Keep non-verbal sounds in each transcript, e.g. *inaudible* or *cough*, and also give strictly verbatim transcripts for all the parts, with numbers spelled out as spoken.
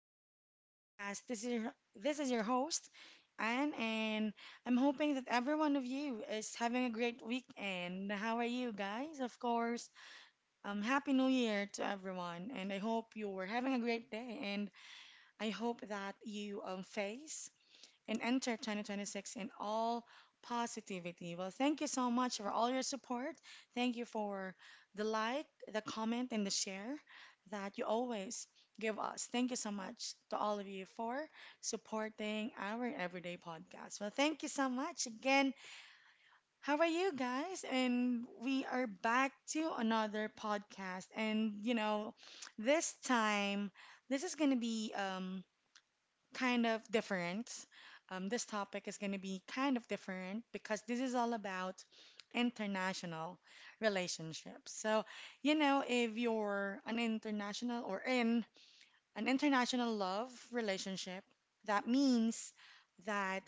to another podcast. This is your, this is your host, Anne, and I'm hoping that every one of you is having a great weekend. How are you guys? Of course, um, Happy New Year to everyone, and I hope you were having a great day, and I hope that you um, face and enter twenty twenty-six in all positivity. Well, thank you so much for all your support. Thank you for the like, the comment, and the share that you always give us. Thank you so much to all of you for supporting our everyday podcast. Well, thank you so much again. How are you guys? And we are back to another podcast. And you know, this time this is going to be um kind of different. Um, this topic is going to be kind of different because this is all about international relationships. So, you know, if you're an international or in an international love relationship, that means that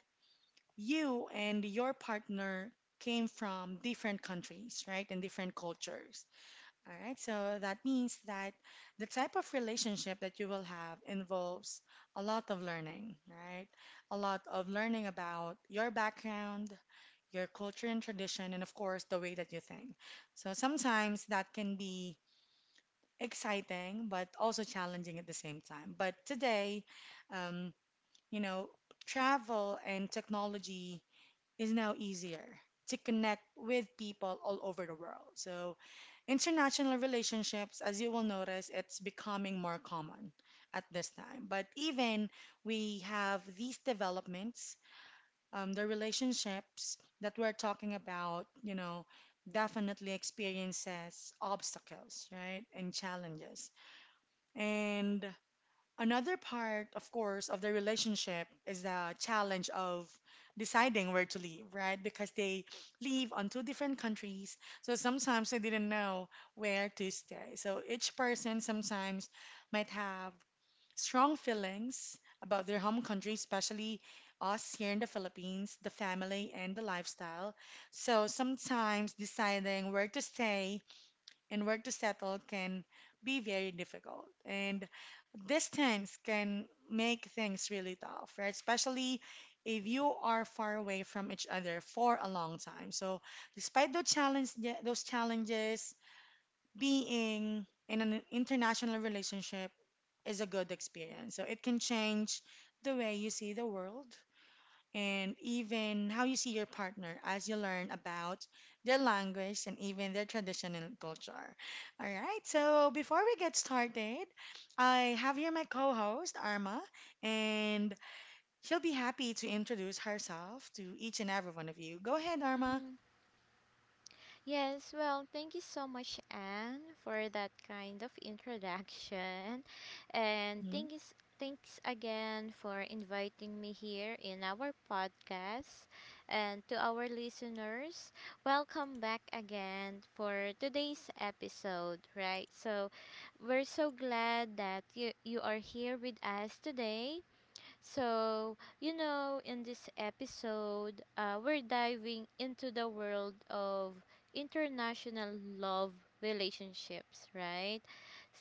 you and your partner came from different countries, right? And different cultures. All right, so that means that the type of relationship that you will have involves a lot of learning, right? A lot of learning about your background, your culture and tradition, and of course, the way that you think. So sometimes that can be exciting, but also challenging at the same time. But today, um, you know, travel and technology is now easier to connect with people all over the world. So, international relationships, as you will notice, it's becoming more common at this time. But even we have these developments, um, the relationships that we're talking about, you know, definitely experiences obstacles, right, and challenges. And Another part, of course, of the relationship is the challenge of deciding where to live, right? Because they live on two different countries, so sometimes they didn't know where to stay. So each person sometimes might have strong feelings about their home country, especially us here in the Philippines, the family and the lifestyle. So sometimes deciding where to stay and where to settle can be very difficult. And distance can make things really tough, right? Especially if you are far away from each other for a long time. So, despite those challenge, those challenges, being in an international relationship is a good experience. So, it can change the way you see the world, and even how you see your partner as you learn about their language and even their tradition and culture. All right, so before we get started, I have here my co host, Arma, and she'll be happy to introduce herself to each and every one of you. Go ahead, Arma. Mhm. Yes, well, thank you so much, Anne, for that kind of *laughs* introduction. And Mm-hmm, thank you, s- thanks again for inviting me here in our podcast. And to our listeners, welcome back again for today's episode, right? So, we're so glad that you, you are here with us today. So, you know, in this episode, uh, we're diving into the world of international love relationships, right?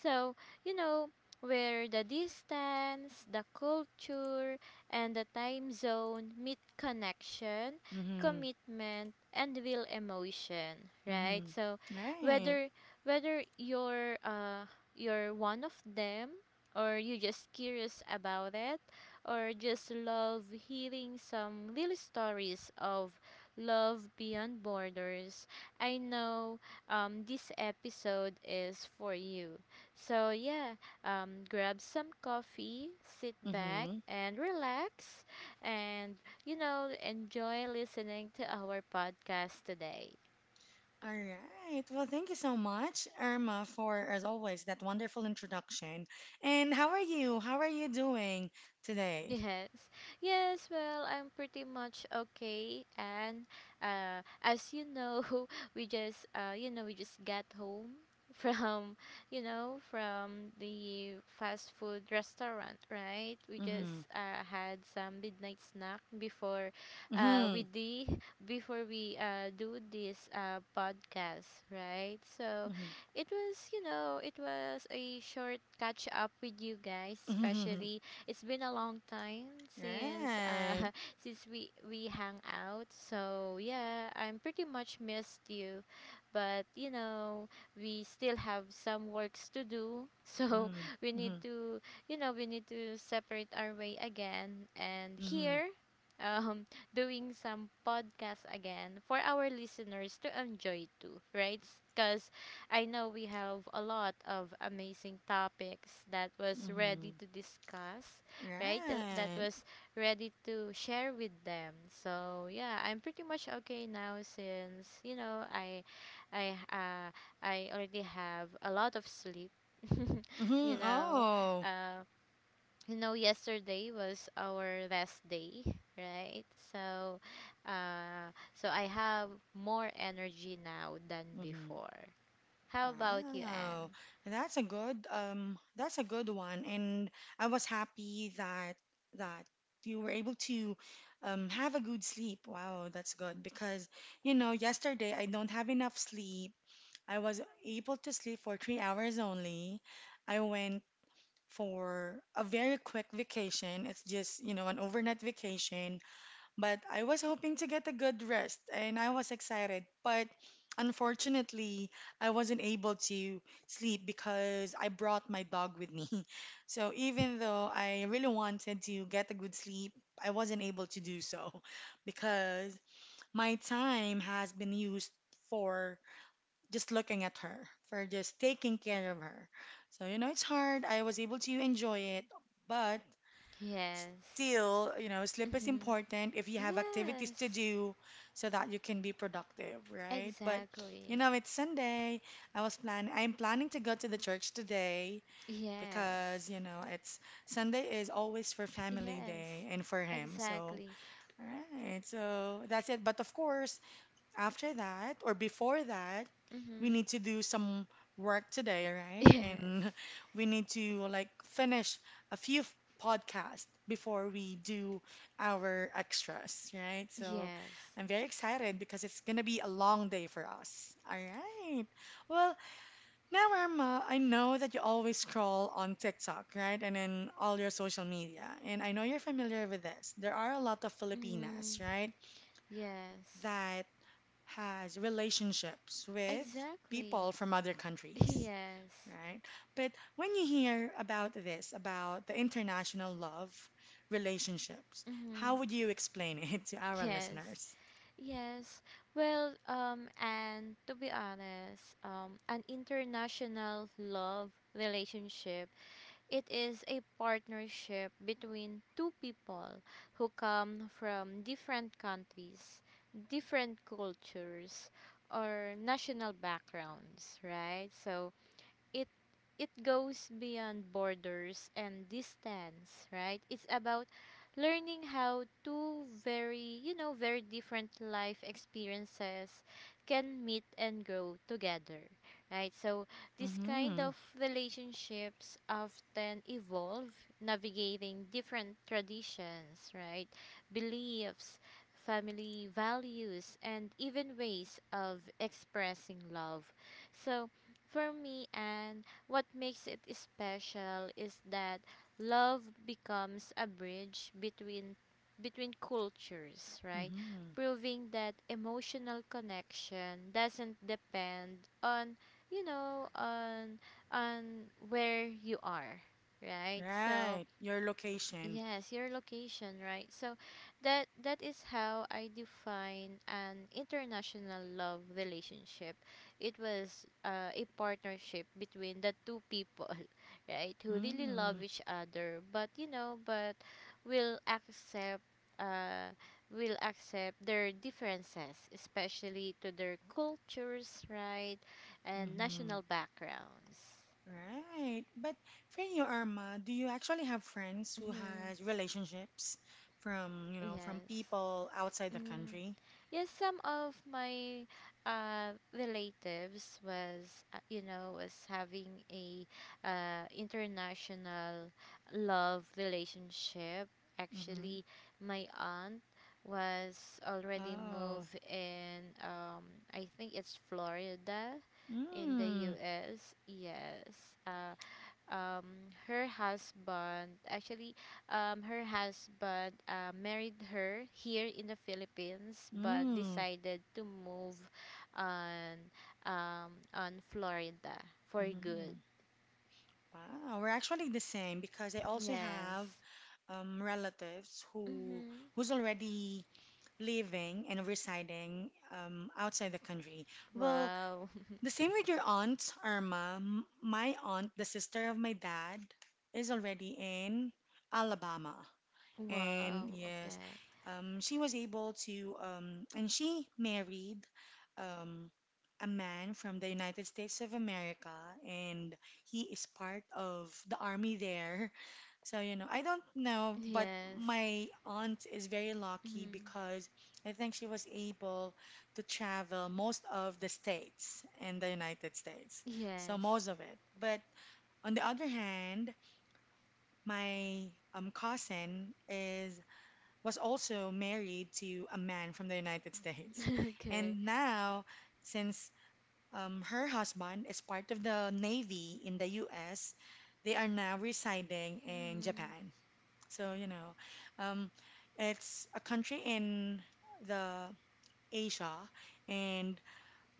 So, you know, where the distance, the culture, and the time zone meet connection, mm-hmm, commitment, and real emotion, right? mm-hmm. So, Right. whether whether you're uh, you're one of them or you're just curious about it or just love hearing some little stories of love beyond borders, I know um, this episode is for you. So, yeah, um, grab some coffee, sit back, Mm-hmm. and relax, and you know, enjoy listening to our podcast today. All right. Well, thank you so much, Irma, for, as always, that wonderful introduction. And how are you? How are you doing *laughs* today? Yes. Yes, well, I'm pretty much okay, and uh as you know, *laughs* we just uh you know, we just got home *laughs* from, you know, from the fast food restaurant, right? We Mm-hmm. just uh had some midnight snack before uh Mm-hmm. we the before we uh do this uh podcast, right? So, Mm-hmm. it was, you know, it was a short catch up with you guys, Mm-hmm. especially it's been a long time *laughs* since uh Right. *laughs* since we we hang out. So yeah, I'm pretty much missed you, but you know we still have some works to do. *laughs* So Mm-hmm. we Mm-hmm. need to, you know, we need to separate our way again. And Mm-hmm. here, um, *laughs* doing some podcast again for our listeners to enjoy too, right? Because I know we have a lot of amazing topics that was Mm-hmm. ready to discuss, right? That, that Right. was ready to share with them. So yeah, I'm pretty much okay now since you know I, I uh, I already have a lot of sleep. *laughs* you Mm-hmm. know, Oh. uh, you know, yesterday was our rest day, right? So, uh, so I have more energy now than Mm-hmm. before. How about you, Wow, Anne? that's a good um that's a good one, and I was happy that that you were able to um have a good sleep. Wow, that's good because you know yesterday I don't have enough sleep. I was able to sleep for three hours only. I went for a very quick vacation. It's just, you know, an overnight vacation, but I was hoping to get a good rest and I was excited. But unfortunately, I wasn't able to sleep because I brought my dog with me. *laughs* So even though I really wanted to get a good sleep, I wasn't able to do so *laughs* because my time has been used for just looking at her, for just taking care of her. So, you know, it's hard. I was able to enjoy it, but Yes. still, you know, sleep is important if *laughs* you have activities Yes. to do so that you can be productive, right? But you Exactly. know, it's Sunday. I was planning I'm planning to go to the church today because, Yes. you know, it's Sunday is always for family Yes. day and for him. So, Exactly. all right. So that's it. But of course, after that or before that, we Mhm. need to do some work today, right? *laughs* Yes. And *laughs* we need to like finish a few f- podcasts before we do our extras, right? So Yes. I'm very excited because it's gonna be a long day for us. All right. Well, now Irma, I know that you always scroll on TikTok, right? And in all your social media. And I know you're familiar with this. There are a lot of Filipinas, Mm. right? Yes. That has relationships with people Exactly. from other *laughs* countries, Yes. right? But when you hear about this, about the international love relationships, Mhm. how would you explain it *laughs* to our Yes. listeners? Yes, well, um and to be honest, um an international love relationship, it is a partnership between two people who come from different countries, different cultures, or national backgrounds, right? So, it it goes beyond borders and distance, right? It's about learning how two very, you know, very different life experiences can meet and grow together, right? So, this kind Mm-hmm. of relationships often evolve navigating different traditions, right? Beliefs, family values, and even ways of expressing love. So, for me, and what makes it special is that love becomes a bridge between between cultures, right? Mm-hmm. Proving that emotional connection doesn't depend on, you know on on where you are, right? So, Right. Your location. yes, your location, right? So that that is how I define an international love relationship. It was uh, a partnership between the two people, *laughs* right? Who really Mm-hmm. love each other, but you know, but will accept uh will accept their differences, especially to their cultures, right? And Mm-hmm. national backgrounds. Right. But for you, Irma, do you actually have friends who Mhm. has relationships from, you know, from Yes. people outside the Mm-hmm. country? Yes, some of my uh, relatives was, uh, you know, was having a uh, international love relationship. Mm-hmm. Actually, my aunt was already Oh. moved in, um, I think it's Florida, in the Mm, US. Yes. uh, um, Her husband actually, um, her husband uh, married her here in the Philippines, but mm, decided to move on, um, on Florida for good. mm. Wow, we're actually the same because I also have Yes. um, relatives who Mm-hmm. who's already living and residing um, outside the country. Well, Wow. *laughs* the same with your aunt Irma. M- My aunt, the sister of my dad, is already in Alabama. And Wow. yes, Okay. um, she was able to, um, and she married um, a man from the United States of America, and he is part of the army there. *laughs* So, you know, I don't know, but Yes. my aunt is very lucky Mm-hmm. because I think she was able to travel most of the states in the United States. So, Yes. most of it. But on the other hand, my um, cousin is was also married to a man from the United States. *laughs* Okay. And now, since um, her husband is part of the Navy in the U S, they are now residing in Mm-hmm. Japan. So, you know, um, it's a country in the Asia. And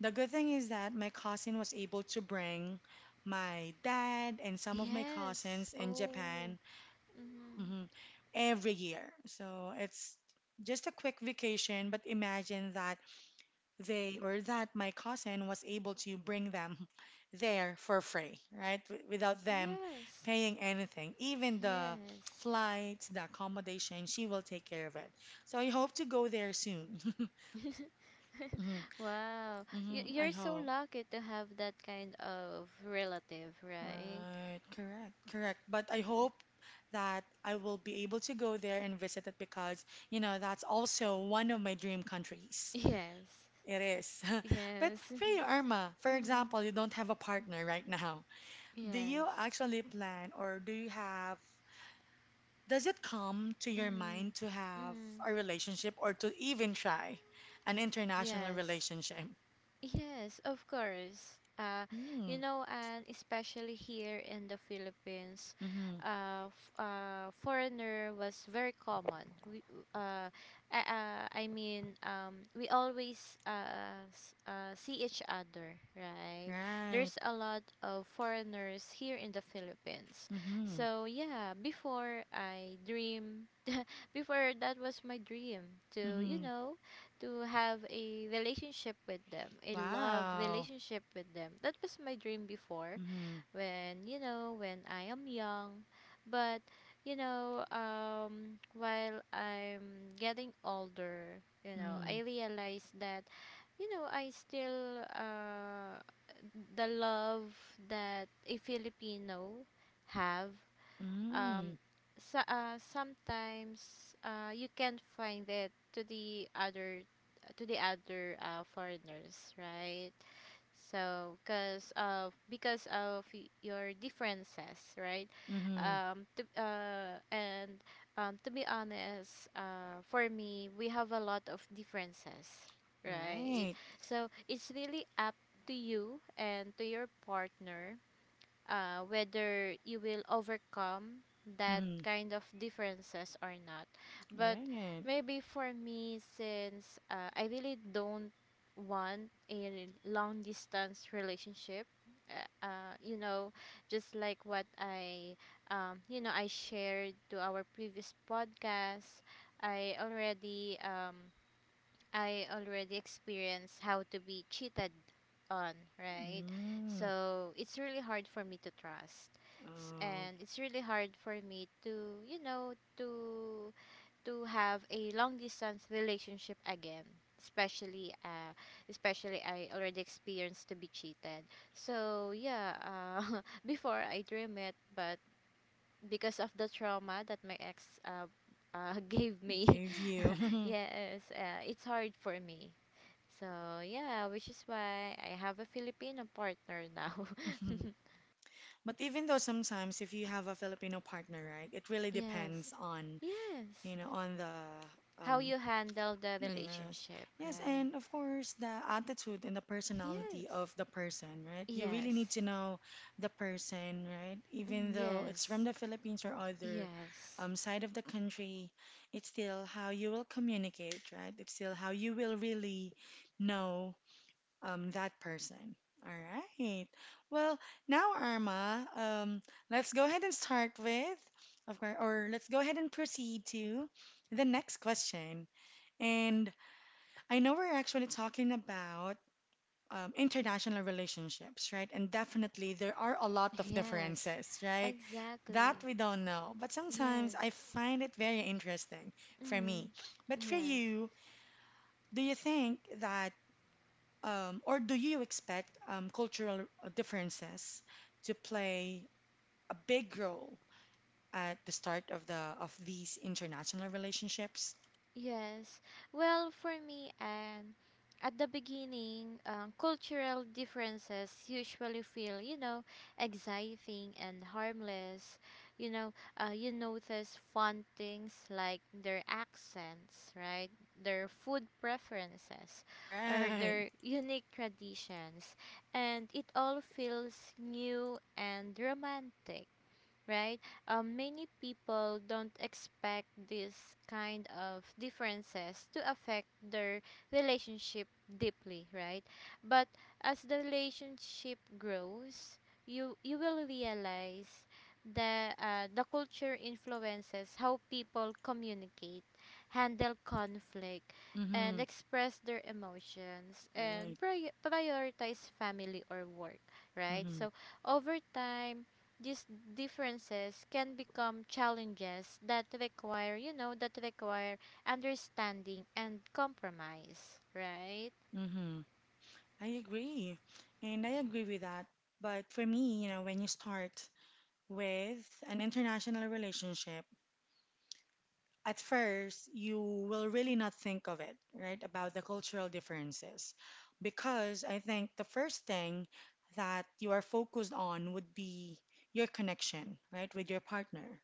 the good thing is that my cousin was able to bring my dad and some of my Yes. cousins in Oh. Japan. Mm-hmm. Mhm. Every year. So it's just a quick vacation, but imagine that they or that my cousin was able to bring them *laughs* there for free, right? W- without them Yes. paying anything. Even the Yes. flights, the accommodation, she will take care of it. So I hope to go there soon. *laughs* *laughs* *laughs* hmm Wow. You, hmm, I you're so hope. lucky to have that kind of relative, right? Right, correct, correct. But I hope that I will be able to go there and visit it because, you know, that's also one of my dream countries. Yes. It is. *laughs* But Yes. for you, Irma, *laughs* for Mhm. example, you don't have a partner right now. Do Yes. you actually plan or do you have, does it come to your Mhm. mind to have Mhm. a relationship or to even try an international Yes. relationship? Yes, of course. Uh, Mm-hmm. You know, and especially here in the Philippines, Mm-hmm. uh, f- uh, foreigner was very common. We, uh, I, uh, I mean, um, we always uh, s- uh, see each other, right? Right. There's a lot of foreigners here in the Philippines. Mm-hmm. So yeah, before I dream, *laughs* before that was my dream to, you Mm-hmm. know, to have a relationship with them, a love Wow. relationship with them. That was my dream before Mm-hmm. when, you know, when I am young. But, you know, um, while I'm getting older, you know, Mm, I realize that, you know, I still, uh, the love that a Filipino have, um mm, so, uh, sometimes uh, you can find it to the other, to the other uh, foreigners, right? So because of, because of y- your differences, right? mm-hmm. um to, uh, and um, to be honest, uh, for me we have a lot of differences, right? Right. So it's really up to you and to your partner, uh, whether you will overcome that Mm-hmm. kind of differences or not. But Right. maybe for me, since uh, I really don't want a long distance relationship, uh, uh, you know, just like what I, um, you know, I shared to our previous podcast, I already, um, I already experienced how to be cheated on, right? Mm. So it's really hard for me to trust. S- Oh, And it's really hard for me to, you know, to to have a long distance relationship again. Especially uh especially I already experienced to be cheated. So yeah, uh *laughs* before I dream it, but because of the trauma that my ex uh, uh *laughs* gave me. gave you. *laughs* *laughs* Yes, uh, it's hard for me. So, yeah, which is why I have a Filipino partner now. *laughs* Mhm. But even though sometimes if you have a Filipino partner, right, it really depends Yes. on, Yes. you know, on the How um you handle the yes. relationship, Yes, right? and of course, the attitude and the personality Yes. of the person, right? You really need Yes. to know the person, right? Mm. Even though it's from Yes. the Philippines or other Yes. um, side of the country, it's still how you will communicate, right? It's still how you will really know um, that person. All right. Well, now, Arma, um, let's go ahead and start with, of course, or let's go ahead and proceed to the next question. And I know we're actually talking about um, international relationships, right? And definitely there are a lot of Yes. differences, right? That Exactly. we don't know. But sometimes I Yes. find it very interesting for me. Mm. But for Yes. you, do you think that, um, or do you expect um, cultural uh, differences to play a big role at the start of the of these international relationships? Yes. Well, for me, and at the beginning, um, cultural differences usually feel, you know, exciting and harmless. You know, uh, you notice fun things like their accents, right? Their food preferences or Right. their unique traditions. And it all feels new and romantic, right? Um, many people don't expect this kind of differences to affect their relationship deeply, right? But as the relationship grows, you you will realize the, uh, the culture influences how people communicate, handle conflict, and Mm-hmm. express their emotions and Right. pri- prioritize family or work, right? Mm-hmm. So over time, these differences can become challenges that require, you know, that require understanding and compromise, right? Mm-hmm. I agree. And I agree with that. But for me, you know, when you start with an international relationship, at first you will really not think of it, right, about the cultural differences. Because I think the first thing that you are focused on would be your connection, right, with your partner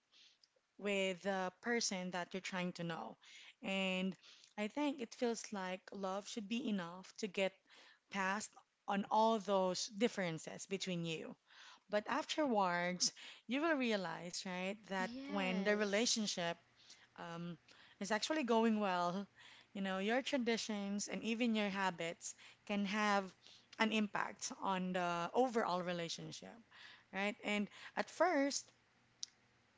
with the person that you're trying to know. And I think it feels like love should be enough to get past on all those differences between you. But afterwards, you will realize, right, that when the Yes. relationship um, is actually going well, you know, your traditions and even your habits can have an impact on the overall relationship, right? And at first,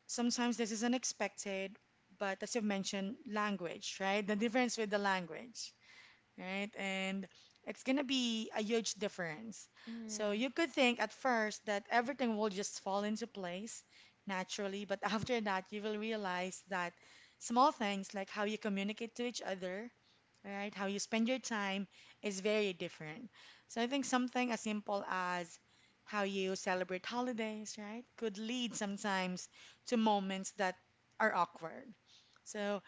sometimes this is unexpected, but as you mentioned, language, right? The difference with the language, right? And it's gonna be a huge difference. So Mm, you could think at first that everything will just fall into place naturally, but *laughs* after that, you will realize that small things like how you communicate to each other, right? How you spend your time is very different. So I think something as simple as how you celebrate holidays, right, could lead sometimes to moments that are awkward. So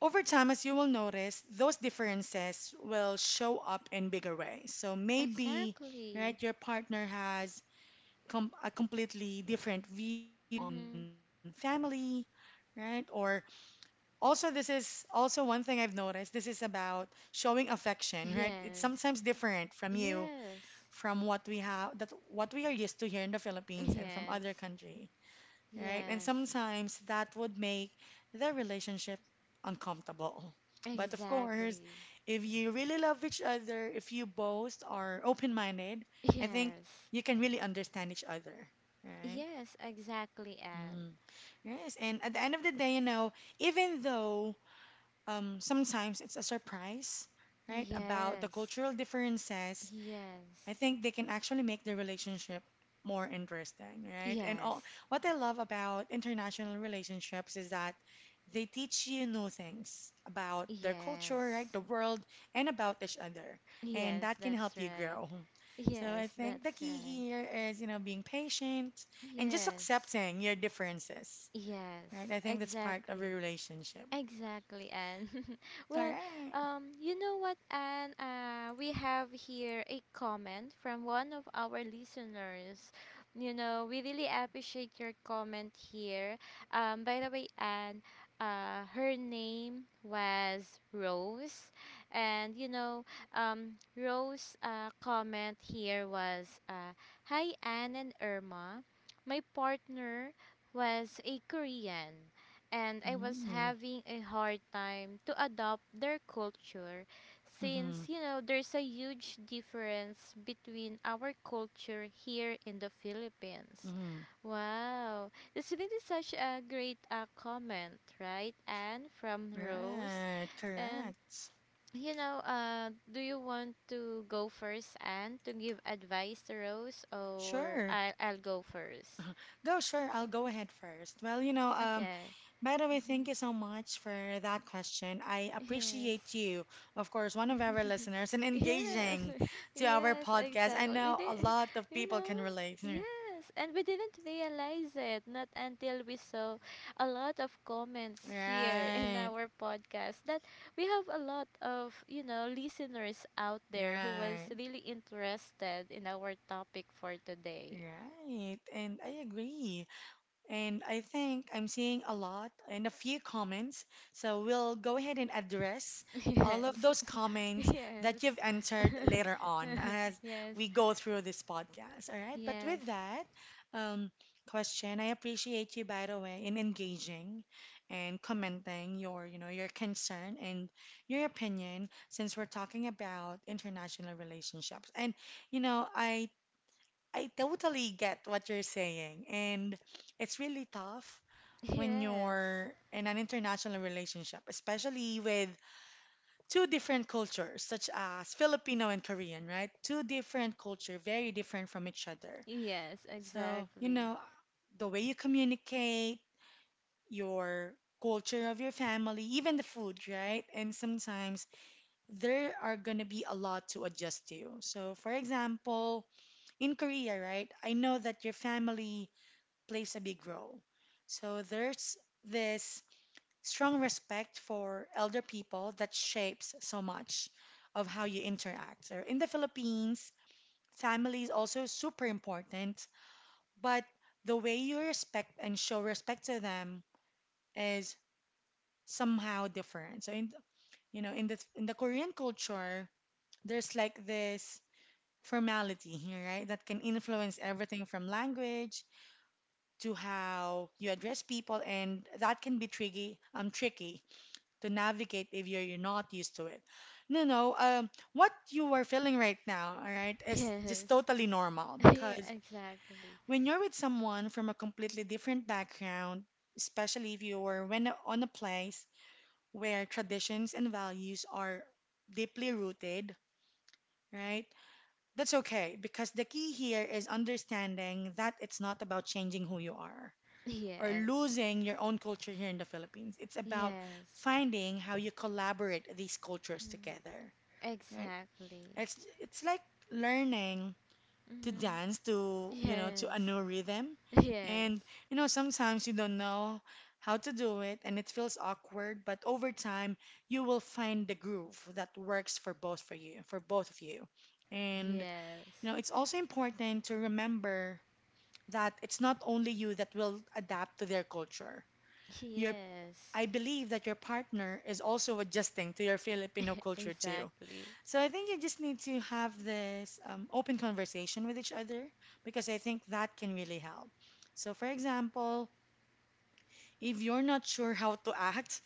over time, as you will notice, those differences will show up in bigger ways. So maybe, exactly. right, your partner has com- a completely different view on Mm-hmm. family, right, or also, this is also one thing I've noticed. This is about showing affection, right? It's sometimes Yes. different from you, Yes. from what we have, that what we are used to here in the Philippines and from Yes. other country, right? And Yes. sometimes that would make the relationship uncomfortable. But of course, Exactly. if you really love each other, if you both are open-minded, I think Yes. you can really understand each other, right? Yes, exactly, Anne. Mm. Yes, and at the end of the day, you know, even though um, sometimes it's a surprise, right? About the Yes. cultural differences. Yes. I think they can actually make the relationship more interesting, right? And Yes. all, what I love about international relationships is that they teach you new things about their culture, right? The Yes. world, and about each other. And Yes, that can help that's you right. grow. So I Yes, think the that's key right. here is, you know, being patient and just Yes. accepting your differences, right? Yes, I think that's part of a exactly. relationship. Exactly, Anne. *laughs* All Well, right. um, you know what, Anne? Uh, we have here a comment from one of our listeners. You know, we really appreciate your comment here. Um, by the way, Anne, uh, her name was Rose, and you know, um, Rose' uh, comment here was, uh, "Hi, Anne and Irma. My partner was a Korean." And I was Mm, having a hard time to adopt their culture mm-hmm, since you know there's a huge difference between our culture here in the Philippines. mm-hmm. Wow, this really is such a great uh, comment, right? And from Rose, Right, and correct. you know, uh, do you want to go first and to give advice to Rose, or Sure. I'll I'll go first? *laughs* Go, sure. I'll go ahead first. Well, you know, um, Okay. by the way, thank you *laughs* so much for that question. I Mhm. Yes. appreciate you, of course, one of our listeners, and *laughs* Yes, engaging *laughs* to our yes, podcast. I exactly. We know a did. lot *laughs* of You people know, can relate. *laughs* yes, and we didn't realize it not until we saw a lot of comments here *laughs* in Right, our podcast that we have a lot of you know listeners out there who was right, really interested in our topic for today. right. And I agree. And I think I'm seeing a lot and a few comments. So we'll go ahead and address *laughs* all of Yes, those *laughs* comments yes, that you've *laughs* entered later on as yes, we go through this podcast. All right. But yes, with that um, question, I appreciate you, by the way, in engaging and commenting your, you know, your concern and your opinion since we're talking about international relationships. And, you know, I I totally get what you're saying, and it's really tough when yes, you're in an international relationship, especially with two different cultures, such as Filipino and Korean, right? Two different culture, very different from each other. yes, So, you exactly. know, the way you communicate, your culture of your family, even the food, right? And sometimes there are gonna be a lot to adjust to. So, for example, in Korea, right? I know that your family plays a big role. So there's this strong respect for elder people that shapes so much of how you interact. So in the Philippines, family is also super important, but the way you respect and show respect to them is somehow different. So in you know in the in the Korean culture, there's like this formality here, right? That can influence everything from language to how you address people, and that can be tricky. Um, tricky to navigate if you're, you're not used to it. No, no. Um, what you are feeling right now, all right, *laughs* is just Yes. totally normal *laughs* Yeah, because exactly. when you're with someone from a completely different background, especially if you were when on a place where traditions and values are deeply rooted, right? That's okay because the key here is understanding that it's not about changing who you are, or Yes. losing your own culture here in the Philippines. It's about Yes. finding how you collaborate these cultures together, right? Exactly. It's it's like learning to Mm-hmm. dance to, you know, to a Yes. new rhythm. Yes. And you know, sometimes you don't know how to do it and it feels awkward, but over time you will find the groove that works for both for you, for both of you. And you Yes. know, it's also important to remember that it's not only you that will adapt to their culture. Your Yes. I believe that your partner is also adjusting to your Filipino culture too. Exactly. So I think you just need to have this um, open conversation with each other because I think that can really help. So, for example, if you're not sure how to act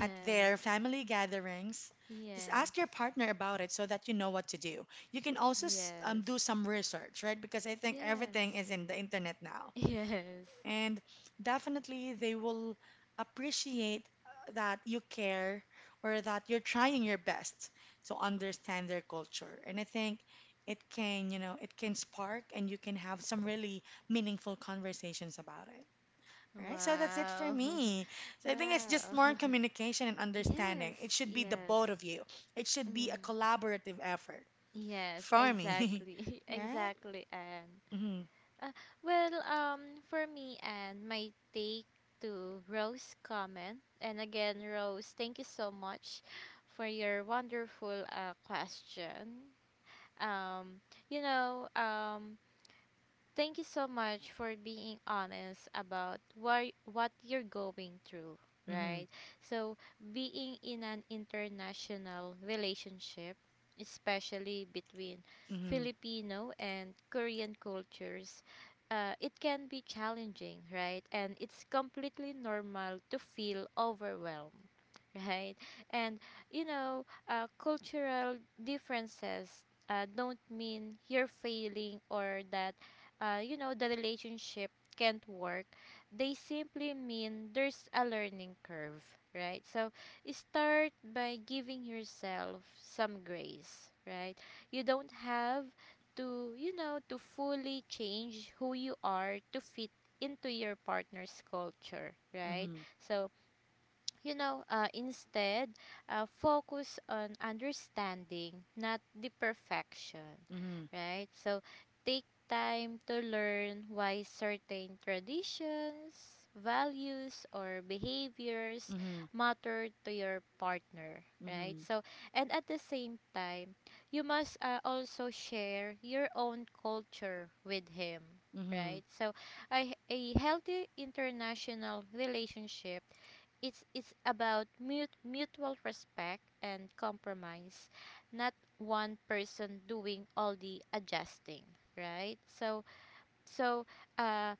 at their family gatherings, just Yes. ask your partner about it so that you know what to do. You can also s- um, do Yes. some research, right? Because I think everything Yes. is in the internet now. Yes. And definitely, they will appreciate uh, that you care or that you're trying your best to understand their culture. And I think it can, you know, it can spark and you can have some really meaningful conversations about it. All right, so that's it for Wow. me. *laughs* So I think it's just Wow. more communication and *laughs* understanding. Yes. It should be the Yes. both of you. It should be a Mm. collaborative effort Yes. for me, Exactly. *laughs* *laughs* right? Exactly. And Mm-hmm, Uh, well, um, for me and my take to Rose comment, and again, Rose, thank you so much for your wonderful uh, question. Um, you know, um, Thank you so much for being honest about why what you're going through, mm-hmm, right? So, being in an international relationship, especially between mm-hmm, Filipino and Korean cultures, uh, it can be challenging, right? And it's completely normal to feel overwhelmed, *laughs* right? And you know, uh, cultural differences uh, don't mean you're failing or that, uh, you know, the relationship can't work. They simply mean there's a learning curve, right? So start by giving yourself some grace, right? You don't have to, you know, to fully change who you are to fit into your partner's culture, right? mm-hmm, So you know, uh, instead, uh, focus on understanding, not the perfection, mm-hmm, right? So take time to learn why certain traditions, values, or behaviors mm-hmm, matter to your partner, right? mm-hmm. So, and at the same time, you must uh, also share your own culture with him. Mm-hmm. Right, so a, a healthy international relationship, it's it's about mut- mutual respect and compromise, not one person doing all the adjusting, right? so so uh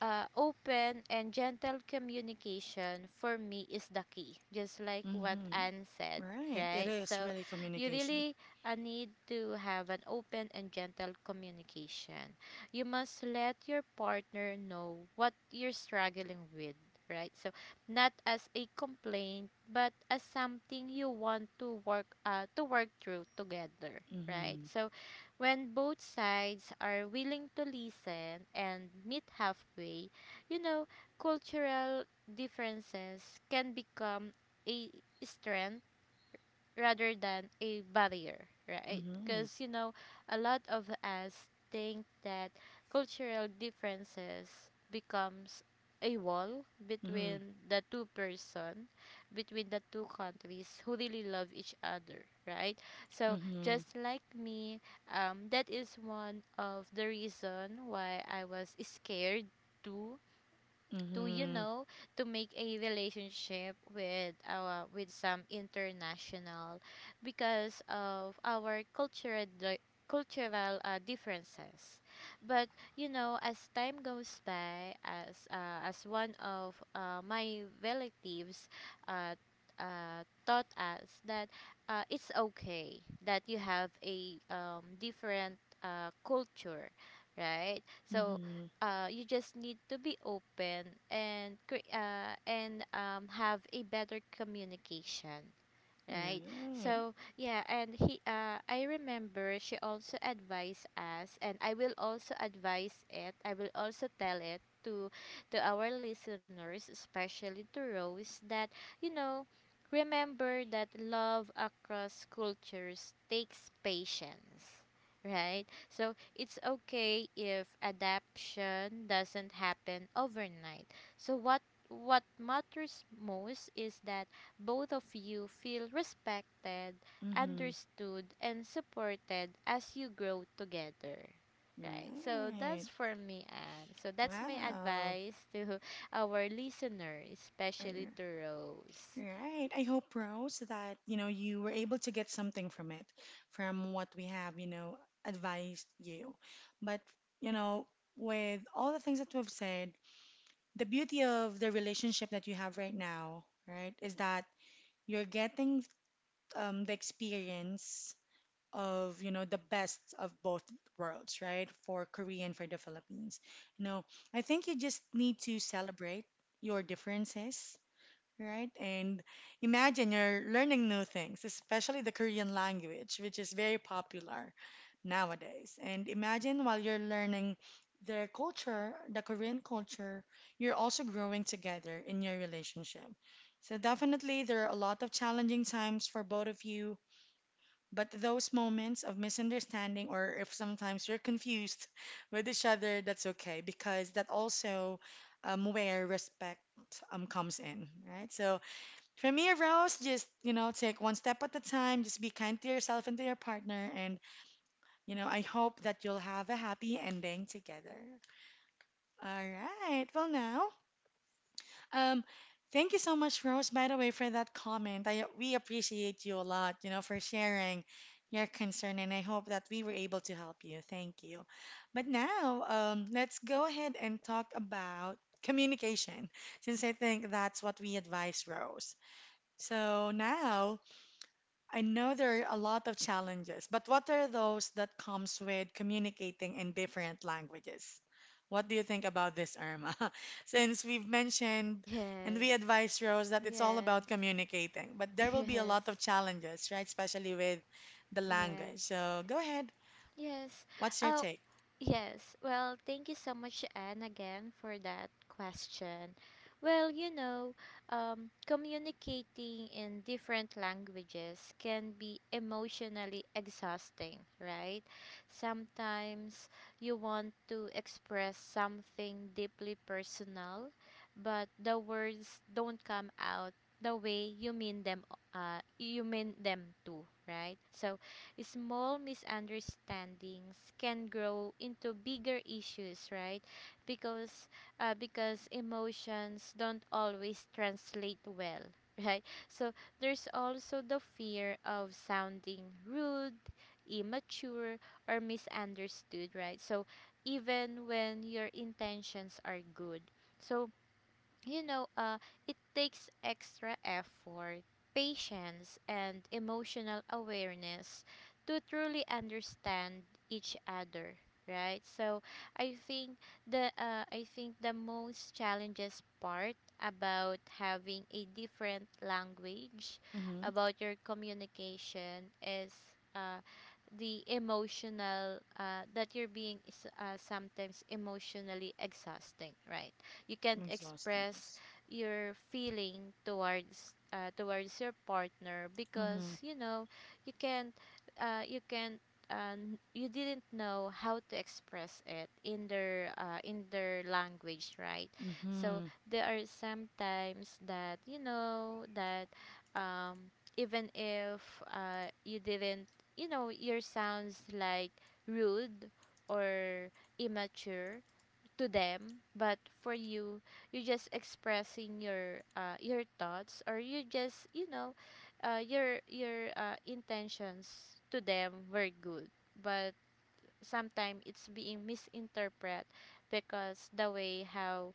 uh, Open and gentle communication for me is the key, just like what Mm-hmm. Anne said. Right. It Right, is so really you communication. really uh, need to have an open and gentle communication. You must let your partner know what you're struggling with, right? So not as a complaint, but as something you want to work uh, to work through together, right? Mm-hmm. So when both sides are willing to listen and meet halfway, you know, cultural differences can become a strength rather than a barrier, right? Mm-hmm. Because, you know, a lot of us think that cultural differences becomes a wall Mm-hmm. between the two person, between the two countries who really love each other, right? So Mm-hmm. just like me, um, that is one of the reason why I was scared too to, you Mm-hmm. know, to make a relationship with our with some international, because of our cultural di- cultural uh, differences. But you know, as time goes by, as uh, as one of uh, my relatives uh, uh, taught us that uh, it's okay that you have a um, different uh, culture, right? So Mm-hmm. uh, you just need to be open and cre- uh, and um, have a better communication, right? Right. So yeah, and he uh, I remember she also advised us, and I will also advise it, I will also tell it to to our listeners, especially to Rose, that, you know, remember that love across cultures takes patience. Right, so it's okay if adaptation doesn't happen overnight. So what what matters most is that both of you feel respected, Mm-hmm. understood, and supported as you grow together. Right. So Right. that's for me, Anne. So that's my Wow. advice to *laughs* our listener, especially Okay. to Rose. Right. I hope, Rose, that, you know, you were able to get something from it, from what we have, you know, advised you. But, you know, with all the things that we've said, the beauty of the relationship that you have right now, right, is that you're getting um, the experience of you know the best of both worlds, right, for Korea and for the Philippines. No, I think you just need to celebrate your differences, right, and imagine you're learning new things, especially the Korean language, which is very popular nowadays. And imagine while you're learning their culture, the Korean culture, you're also growing together in your relationship. So definitely there are a lot of challenging times for both of you, but those moments of misunderstanding or if sometimes you're confused *laughs* with each other, that's okay because that also um, where respect um comes in, right? So for me, Rose, just you know, take one step at a time, just be kind to yourself and to your partner and you know, I hope that you'll have a happy ending together. All right. Well, now, um, thank you so much, Rose, by the way, for that comment. I we appreciate you a lot, you know, for sharing your concern, and I hope that we were able to help you. Thank you. But now, um, let's go ahead and talk about communication, since I think that's what we advise Rose. So now I know there are a lot of challenges, but what are those that comes with communicating in different languages? What do you think about this, Irma? *laughs* Since we've mentioned and we Yes. advise Rose that it's all Yes. about communicating, but *laughs* there will be a lot of Yes. challenges, right? Especially with the language. Yes. So go ahead. Yes. What's your Oh, take? yes, well, thank you so much, Anne, again for that question. Well, you know, um, communicating in different languages can be emotionally exhausting, right? Sometimes you want to express something deeply personal, but the words don't come out the way you mean them uh, you mean them to, right? So small misunderstandings can grow into bigger issues, right? Because uh, because emotions don't always translate well, *laughs* right? So there's also the fear of sounding rude, immature, or misunderstood, right? So even when your intentions are good. So you know, uh, it takes extra effort, patience, and emotional awareness to truly understand each other, right? So I think the uh, I think the most challenges part about having a different language Mm-hmm. about your communication is uh, the emotional uh, that you're being is, uh, sometimes emotionally exhausting, right? You I'm can't exhausted. express Yes. your feeling towards uh, towards your partner, Mm-hmm. because you know you can't, uh, you can't and you didn't know how to express it in their uh, in their language, right? So Mm-hmm. there are sometimes that you know that, um, even if uh, you didn't, you know, your sounds like rude or immature to them, but for you, you're just expressing your uh, your thoughts, or you just you know, uh, your your uh, intentions to them were good, but sometimes it's being misinterpreted because the way how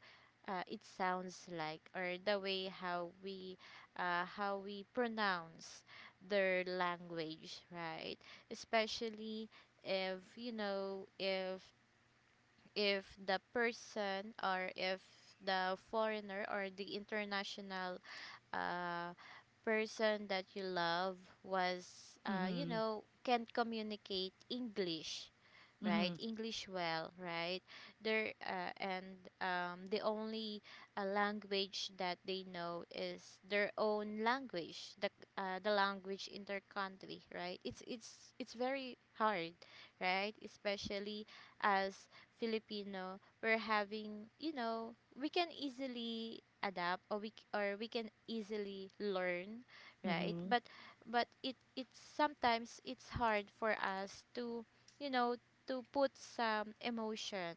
uh, it sounds like, or the way how we uh, how we pronounce their language, right? Especially if you know, if if the person, or if the foreigner or the international uh, person that you love was uh, you Mm-hmm. know, can communicate English, right? Mm-hmm. English well, right? They uh, and um, the only uh, language that they know is their own language, the uh, the language in their country, right? It's it's it's very hard, right? Especially as Filipino, we're having, you know, we can easily adapt, or we c- or we can easily learn, right? Mm-hmm. but but it it's sometimes it's hard for us to, you know, to put some emotion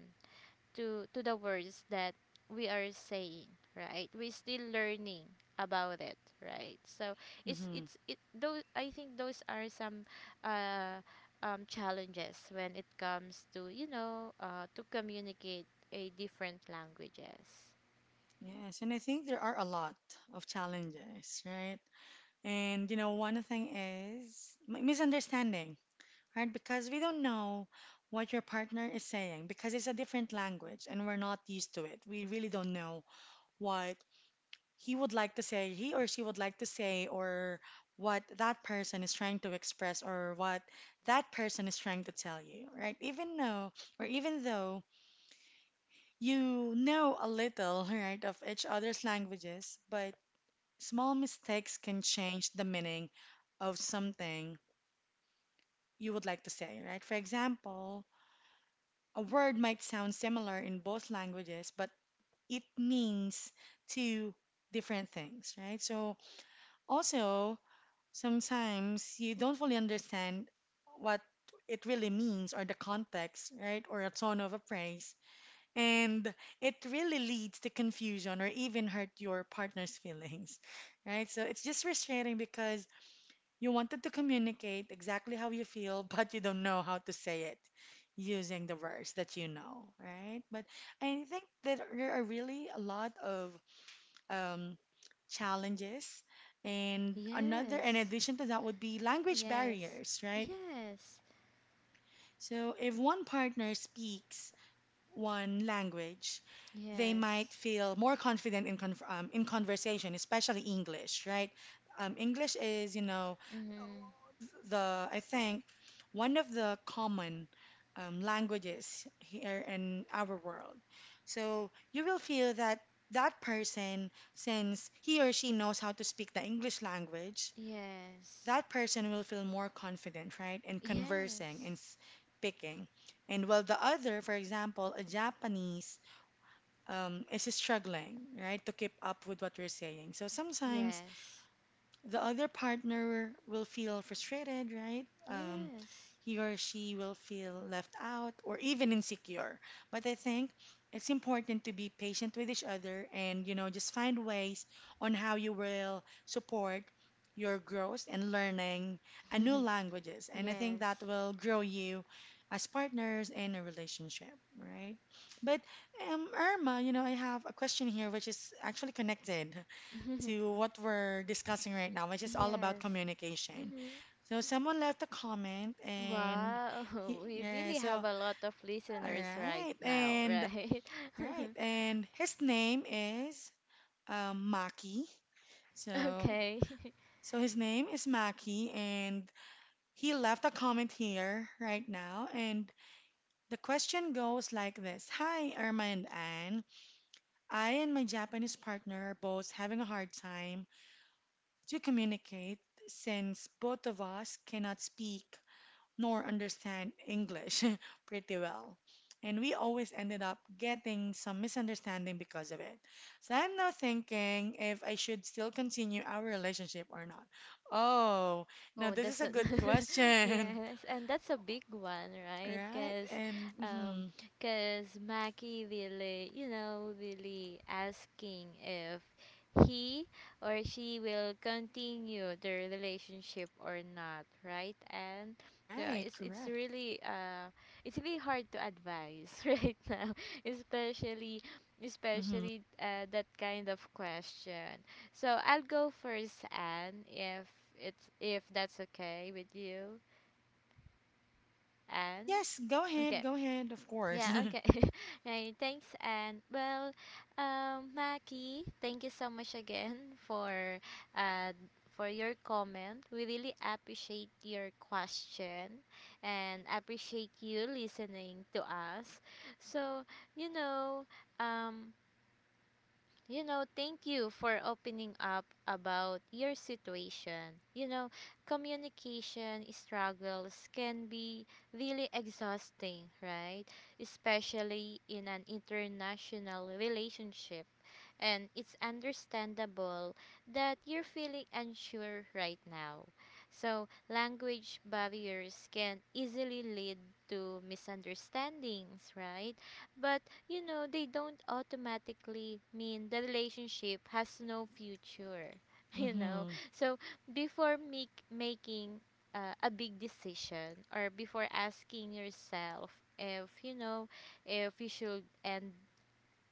to to the words that we are saying, right? We're still learning about it, right? So it's Mm-hmm. it's it those, I think those are some uh um challenges when it comes to, you know, uh to communicate a different languages. Yes, and I think there are a lot of challenges, right? And you know, one thing is mi- misunderstanding, right? Because we don't know what your partner is saying because it's a different language and we're not used to it. We really don't know what he would like to say, he or she would like to say, or what that person is trying to express, or what that person is trying to tell you, right? Even though, or even though you know a little, *laughs* right, of each other's languages, but small mistakes can change the meaning of something you would like to say, right? For example, a word might sound similar in both languages, but it means two different things, right? So, also, sometimes you don't fully understand what it really means or the context, right? Or a tone of a praise. And it really leads to confusion or even hurt your partner's *laughs* feelings, right? So, it's just frustrating because you wanted to communicate exactly how you feel, *laughs* but you don't know how to say it using the words that you know, right? But I think that there are really a lot of um, challenges. And another, in Yes. addition to that, would be language Yes. barriers, right? Yes. So if one partner speaks one language, they might Yes. feel more confident in, con- um, in conversation, especially English, right? Um, English is, you know, Mm-hmm. the, I think, one of the common um, languages here in our world. So you will feel that that person, since he or she knows how to speak the English language, Yes. that person will feel more confident, right, in conversing Yes. and speaking. And while the other, for example, a Japanese, um, is struggling, right, to keep up with what we're saying. So sometimes Yes. the other partner will feel frustrated, right? Um, Yes. He or she will feel left out or even insecure. But I think it's important to be patient with each other and, you know, just find ways on how you will support your growth and learning a new *laughs* languages. And I think that Yes. will grow you as partners in a relationship, right? But um, Irma, you know, I have a question here which is actually connected *laughs* to what we're discussing right now, which is all about Yes. communication. Hmm. So someone left a comment and Wow, he, *laughs* we yeah, really so have a lot all of listeners right right, now, and right? all right, and his name is um, Maki. *laughs* So Okay. so his name is Maki, and he left a comment here right now, and the question goes like this: Hi, Irma and Anne. I and my Japanese partner are both having a hard time to communicate since both of us cannot speak nor understand English *laughs* pretty well. And we always ended up getting some misunderstanding because of it. So I'm now thinking if I should still continue our relationship or not. Oh, now Oh, this is that's a a good *laughs* question. *laughs* yes, and that's a big one, right? Right? Because, And um, mhm. because Mackie really, you know, really asking if he or she will continue the relationship or not, right? And yeah, Right, it's it's correct. really uh, it's really hard to advise *laughs* right now, especially Hmm. especially uh, that kind of question. So I'll go first, Anne, if it's if that's okay with you, Anne. Yes, go Okay. ahead, go ahead, of course. Yeah, okay. *laughs* Right, thanks Anne. Well, um, Maki, thank you so much again for uh for your comment. We really appreciate your question and appreciate you listening to us. So, you know, um you know, thank you for opening up about your situation. You know, communication struggles can be really exhausting, right? Especially in an international relationship, and it's understandable that you're feeling unsure right now. So, language barriers can easily lead to misunderstandings, right? But, you know, they don't automatically mean the relationship has no future, *laughs* you *laughs* know? Hmm. So, before make, making uh, a big decision, or before asking yourself if, you know, if you should end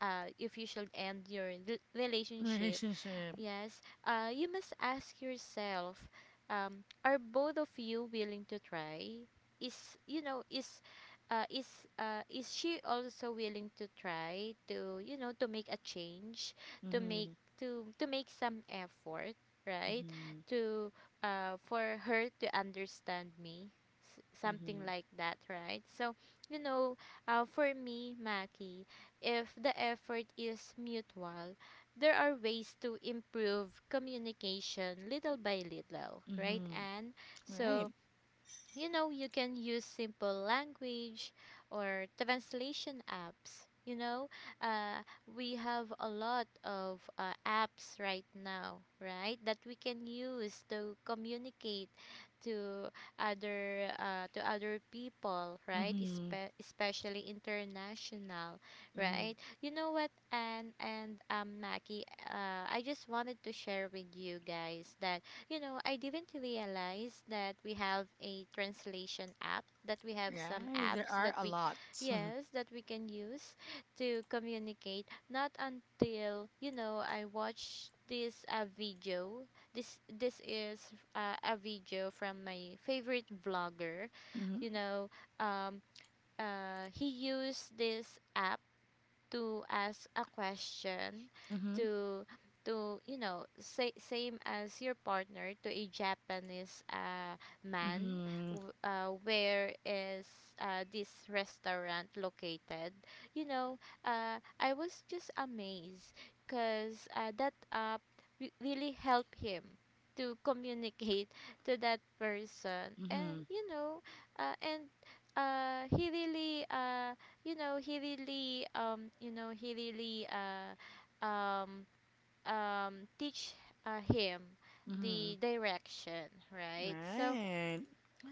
uh, if you should end your rel- relationship. Relationship. Yes, uh, you must ask yourself, um, are both of you willing to try? Is you know is, uh, is uh, is she also willing to try to, you know, to make a change, to make Hmm. to to make some effort, right? Hmm. To uh, for her to understand me, S- something Hmm. like that, right? So you know, uh, for me, Maki, if the effort is mutual, there are ways to improve communication little by little, right? Mm-hmm. And Right. so you know, you can use simple language or translation apps, you know, uh, we have a lot of uh, apps right now, right, that we can use to communicate to other uh, to other people, right? Mm-hmm. Espe- especially international, Mm-hmm. right? You know what, and and um, Mackie, uh, I just wanted to share with you guys that, you know, I didn't realize that we have a translation app, that we have some Right. There apps are that a we, lot. *laughs* yes, that we can use to communicate. Not until, you know, I watched this uh, video. This this is uh, a video from my favorite vlogger. You know, um, uh, he used this app to ask a question Mm-hmm. to to you know, say, same as your partner to a Japanese uh, man, Mm-hmm. w- uh, where is uh, this restaurant located, you know? uh, I was just amazed because uh, that app re- really helped him to communicate to that person, and Mm-hmm. you know, uh, and uh, he really uh, you know, he really um you know he really uh um um teach uh, him Mm-hmm. the direction, Mm-hmm. right? So Right.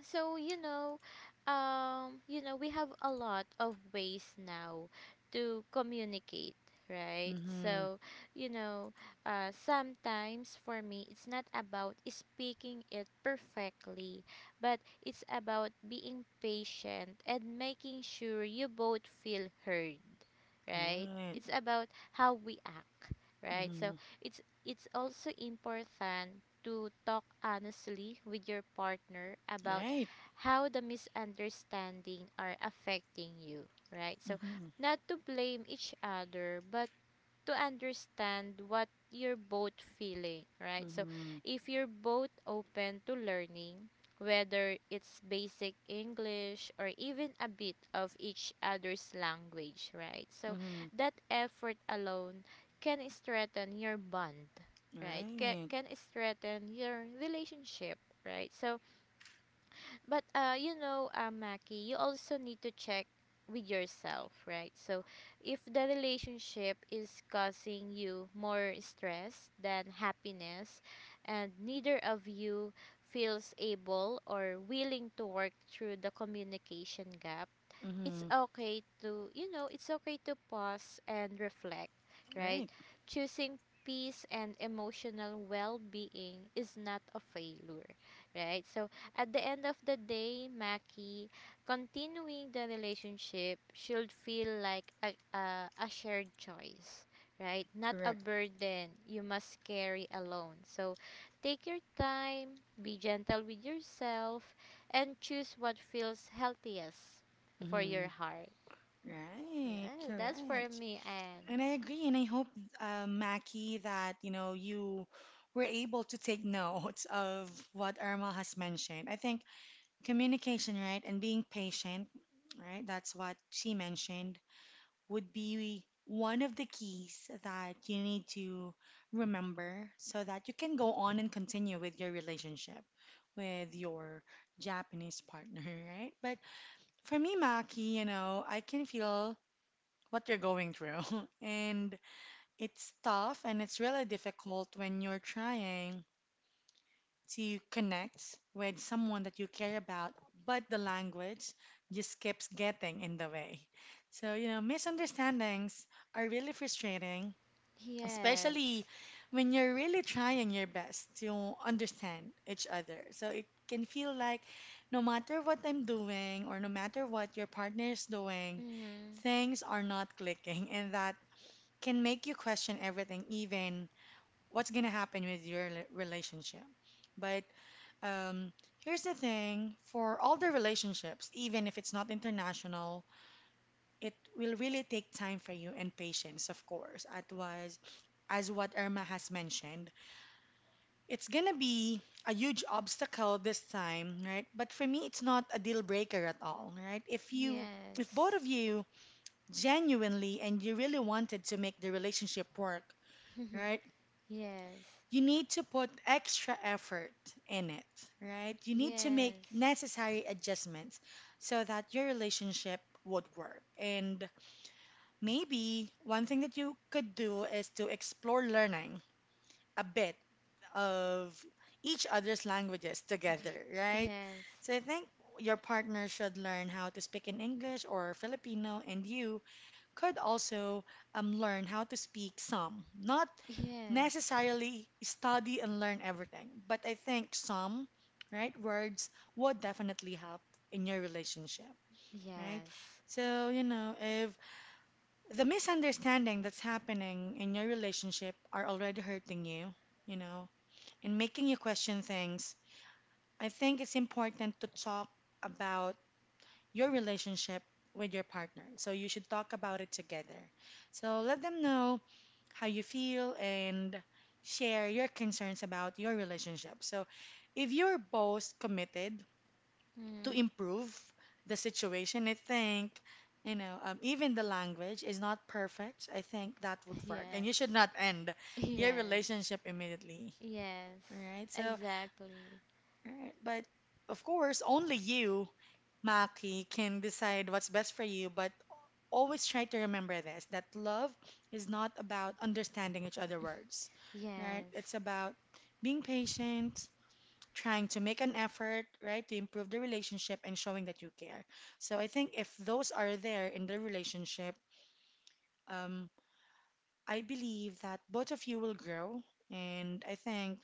so, you know, um, you know, we have a lot of ways now to communicate, right? Mm-hmm. So, you know, uh, sometimes for me, it's not about speaking it perfectly, but it's about being patient and making sure you both feel heard, right? Right. It's about how we act, right? So, Mm-hmm. it's it's also important to talk honestly with your partner about Right. how the misunderstanding are affecting you, right? So, Mm-hmm. not to blame each other, but to understand what you're both feeling, right? So, Mm-hmm. if you're both open to learning, whether it's basic English or even a bit of each other's language, right? So, Mm-hmm. that effort alone can strengthen your bond, right? Ca- Right. Can strengthen your relationship, right? So, but uh, you know, uh, Mackie, you also need to check with yourself, right? So, if the relationship is causing you more stress than happiness, and neither of you feels able or willing to work through the communication gap, it's Mm-hmm. okay to, you know, it's okay to pause and reflect, right? Right. Choosing peace and emotional well-being is not a failure, right? So at the end of the day, Maki, continuing the relationship should feel like a, a, a shared choice. Right, not a Correct. burden you must carry alone. So, take your time, be gentle with yourself, and choose what feels healthiest for your Mm-hmm. heart. Right. Yeah, that's for Correct. me, and And I agree, and I hope, uh, Mackie, that you know you were able to take note *laughs* of what Irma has mentioned. I think communication, right, and being patient, right? That's what she mentioned would be one of the keys that you need to remember so that you can go on and continue with your relationship with your Japanese partner, *laughs* right? But for me, Maki, you know, I can feel what you're going through, *laughs* and it's tough and it's really difficult when you're trying to connect with someone that you care about, but the language just keeps getting in the way. So, you know, misunderstandings are really frustrating, especially yes, when you're really trying your best to understand each other. So it can feel like no matter what I'm doing or no matter what your partner is doing, mm-hmm. things are not clicking, and that can make you question everything, even what's going to happen with your rela- relationship. But um, here's the thing for all the relationships, even if it's not international, it will really take time for you and patience, of course. It was, as what Irma has mentioned, it's gonna be a huge obstacle this time, right? But for me, it's not a deal breaker at all, right? If you, if both Yes. of you genuinely and you really wanted to make the relationship work, right? *laughs* Yes. You need to put extra effort in it, right? You need to make Yes. necessary adjustments so that your relationship would work. And maybe one thing that you could do is to explore learning a bit of each other's languages together, right? Yes. So I think your partner should learn how to speak in English or Filipino, and you could also um, learn how to speak some, not Yes. necessarily study and learn everything, but I think some, right, words would definitely help in your relationship, right? Yes. So, you know, if the misunderstanding that's happening in your relationship are already hurting you, you know, and making you question things, I think it's important to talk about your relationship with your partner. So you should talk about it together. So let them know how you feel and share your concerns about your relationship. So if you're both committed to Mm-hmm. improve the situation, I think, you know, um, even the language is not perfect. I think that would work. And you should Yes. not end your Yes. relationship immediately. Yes, All right. So exactly. alright, but of course, only you, Maki, can decide what's best for you. But always try to remember this that love is not about understanding each other's words, right? It's Yes. about being patient, trying to make an effort, right, to improve the relationship and showing that you care. So I think if those are there in the relationship, um, I believe that both of you will grow. And I think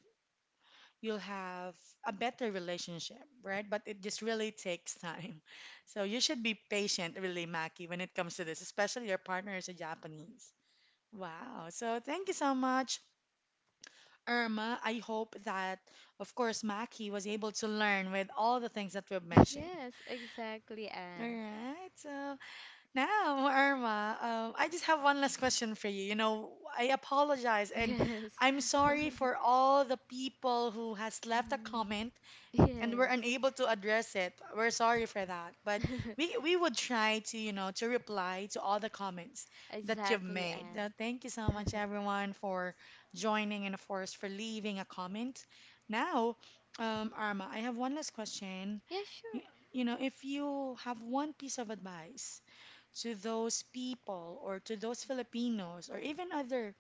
you'll have a better relationship, right? But it just really takes time. *laughs* So you should be patient, really, Maki, when it comes to this, especially your partner is a Japanese. Wow. So thank you so much, Irma. I hope that, of course, Maki was able to learn with all the things that we've *laughs* mentioned. Yes, exactly, All and right. So now, Irma, um, I just have one last question for you. You know, I apologize *laughs* and yes, I'm *laughs* sorry for all the people who has left a mm, comment and we're yes, unable to address it. We're sorry for that. But we we would try to, you know, to reply to all the comments that you've exactly, made. and Uh, thank you so much *laughs* everyone for joining and of course for leaving a comment. Now, um, Arma, I have one last question. yeah, You, sure. you know, if you have one piece of advice to those people or to those Filipinos or even other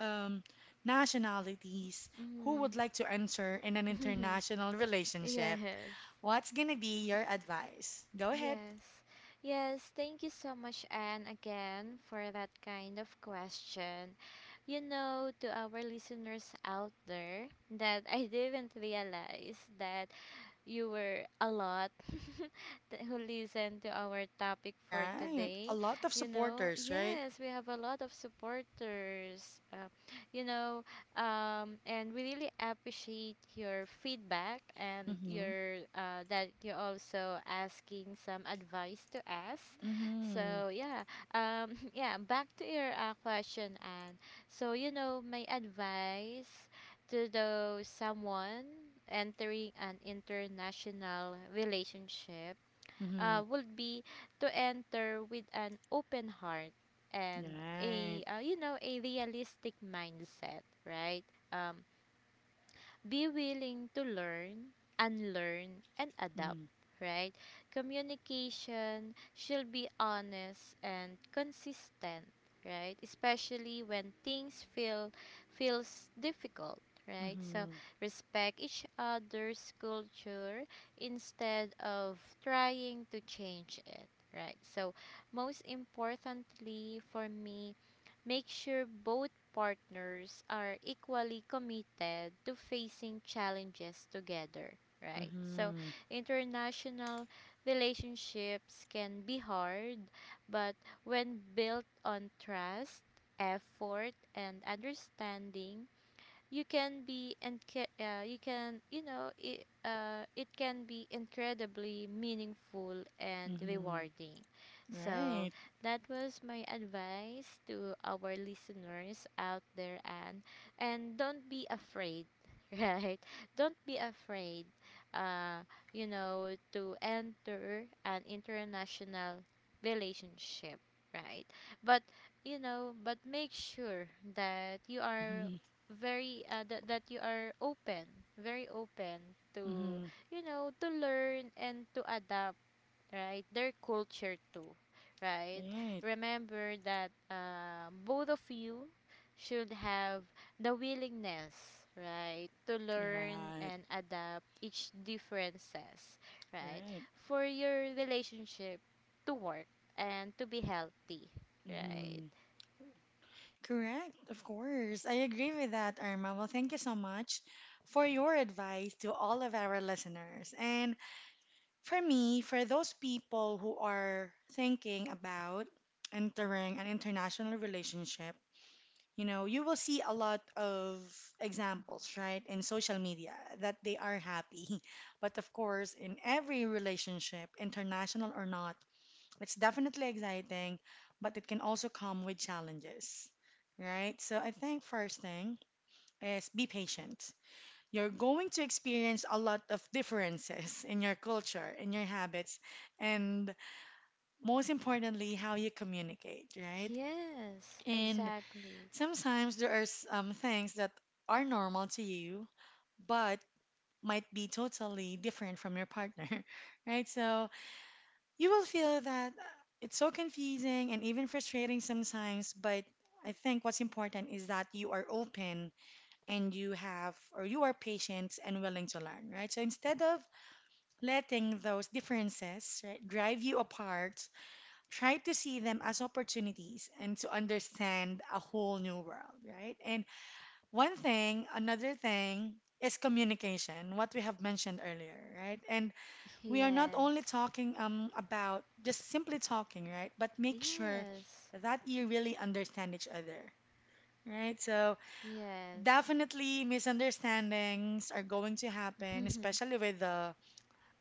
um, nationalities who Mm. would like to enter in an international *laughs* relationship? Yes. What's gonna be your advice? Go ahead. Yes. Yes, thank you so much, Anne, again for that kind of question. You know, to our listeners out there, that I didn't realize that you were a lot *laughs* that who listened to our topic for Right. A today. lot of You know, supporters, right? yes, we have a lot of supporters. Uh, you know, um, and we really appreciate your feedback and Mm-hmm. your uh, that you're also asking some advice to us. Mm-hmm. So yeah, um, *laughs* yeah. Back to your uh, question, Anne. So you know, my advice to the someone entering an international relationship Mm-hmm. uh, would be to enter with an open heart and Right. a uh, you know, a realistic mindset, right? Um, be willing to learn, unlearn, and adapt, Mm-hmm. right? Communication should be honest and consistent, right? Especially when things feel feels difficult, right? So Mm-hmm. respect each other's culture instead of trying to change it, right? So most importantly for me, make sure both partners are equally committed to facing challenges together, right? So Mm-hmm. international relationships can be hard, but when built on trust, effort, and understanding, you can be and uh, you can you know it, uh, it can be incredibly meaningful and Mm-hmm. rewarding. So Right. that was my advice to our listeners out there. And and don't be afraid. *laughs* Right, don't be afraid, uh you know to enter an international relationship, right? But you know but make sure that you are Mm-hmm. very uh, that that you are open, very open to, Mm-hmm. you know to learn and to adapt, right? Their culture too, right? Right. Remember that uh, both of you should have the willingness, right, to learn Right. and adapt each differences, right, Right. for your relationship to work and to be healthy, right? Mm-hmm. Correct. Of course. I agree with that, Irma. Well, thank you so much for your advice to all of our listeners. And for me, for those people who are thinking about entering an international relationship, you know, you will see a lot of examples, right, in social media that they are happy. *laughs* But of course, in every relationship, international or not, it's definitely exciting, but it can also come with challenges, right? So I think first thing is be patient. You're going to experience a lot of differences *laughs* in your culture, in your habits, and most importantly, how you communicate, right? Yes, And exactly. sometimes there are some things that are normal to you, but might be totally different from your partner, *laughs* right? So you will feel that it's so confusing and even frustrating sometimes, but I think what's important is that you are open and you have, or you are patient and willing to learn, right? So instead of letting those differences right, drive you apart, try to see them as opportunities and to understand a whole new world, right? And one thing, another thing is communication, what we have mentioned earlier, right? And we are not only Yes. talking um, about just simply talking, right? But make sure Yes. that you really understand each other. Right, so Yes. definitely misunderstandings are going to happen, *laughs* especially with the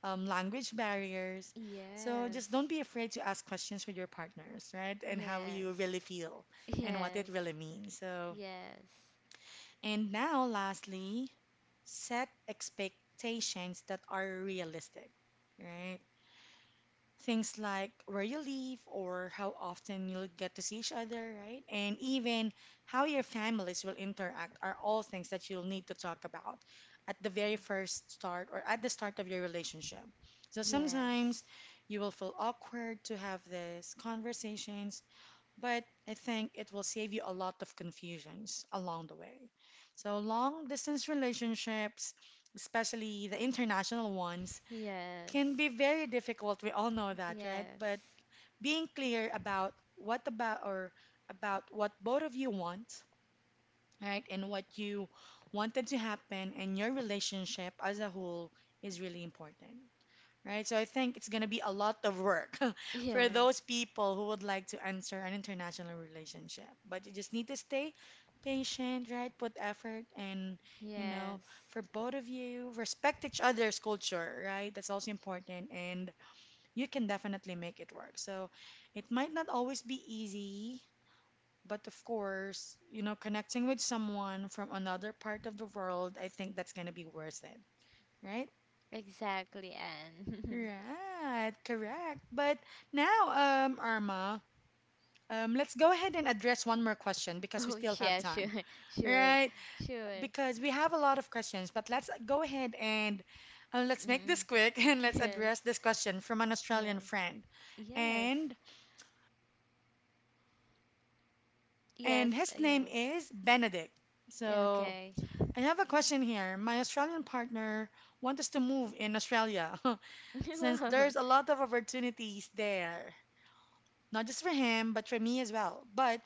um, language barriers. So just don't Yes. be afraid to ask questions with your partners, right? And how you really Yes. feel and what it Yes. really means. So, Yes. and now lastly, set expectations that are realistic, right? Things like where you live or how often you'll get to see each other, right? And even how your families will interact are all things that you'll need to talk about at the very first start or at the start of your relationship. So sometimes Yes. you will feel awkward to have these conversations, but I think it will save you a lot of confusions along the way. So long distance relationships, especially the international ones, can Yes. be very difficult. We all know that, right? Yes. But being clear about what about or about what both of you want, right? And what you wanted to happen in your relationship as a whole is really important. Right, so I think it's gonna be a lot of work *laughs* for Yes. those people who would like to enter an international relationship. But you just need to stay patient, right? Put effort and, you know, Yes. for both of you, respect each other's culture, right? That's also important. And you can definitely make it work. So it might not always be easy, but of course, you know, connecting with someone from another part of the world, I think that's going to be worth it, right? Exactly, Anne. Right, correct. But now, um, Arma, um, let's go ahead and address one more question *laughs* because we Oh, still have yeah, time, sure. *laughs* Sure. right? Sure. Because we have a lot of questions, but let's go ahead and uh, let's make this Mm. quick *laughs* and let's Yes. address this question from an Australian Yes. friend. Yes. And and Yes. his name is Benedict. Yes. So Okay. I have a question here. My Australian partner wants us to move in Australia *laughs* *laughs* since Whoa. there's a lot of opportunities there. Not just for him, but for me as well. But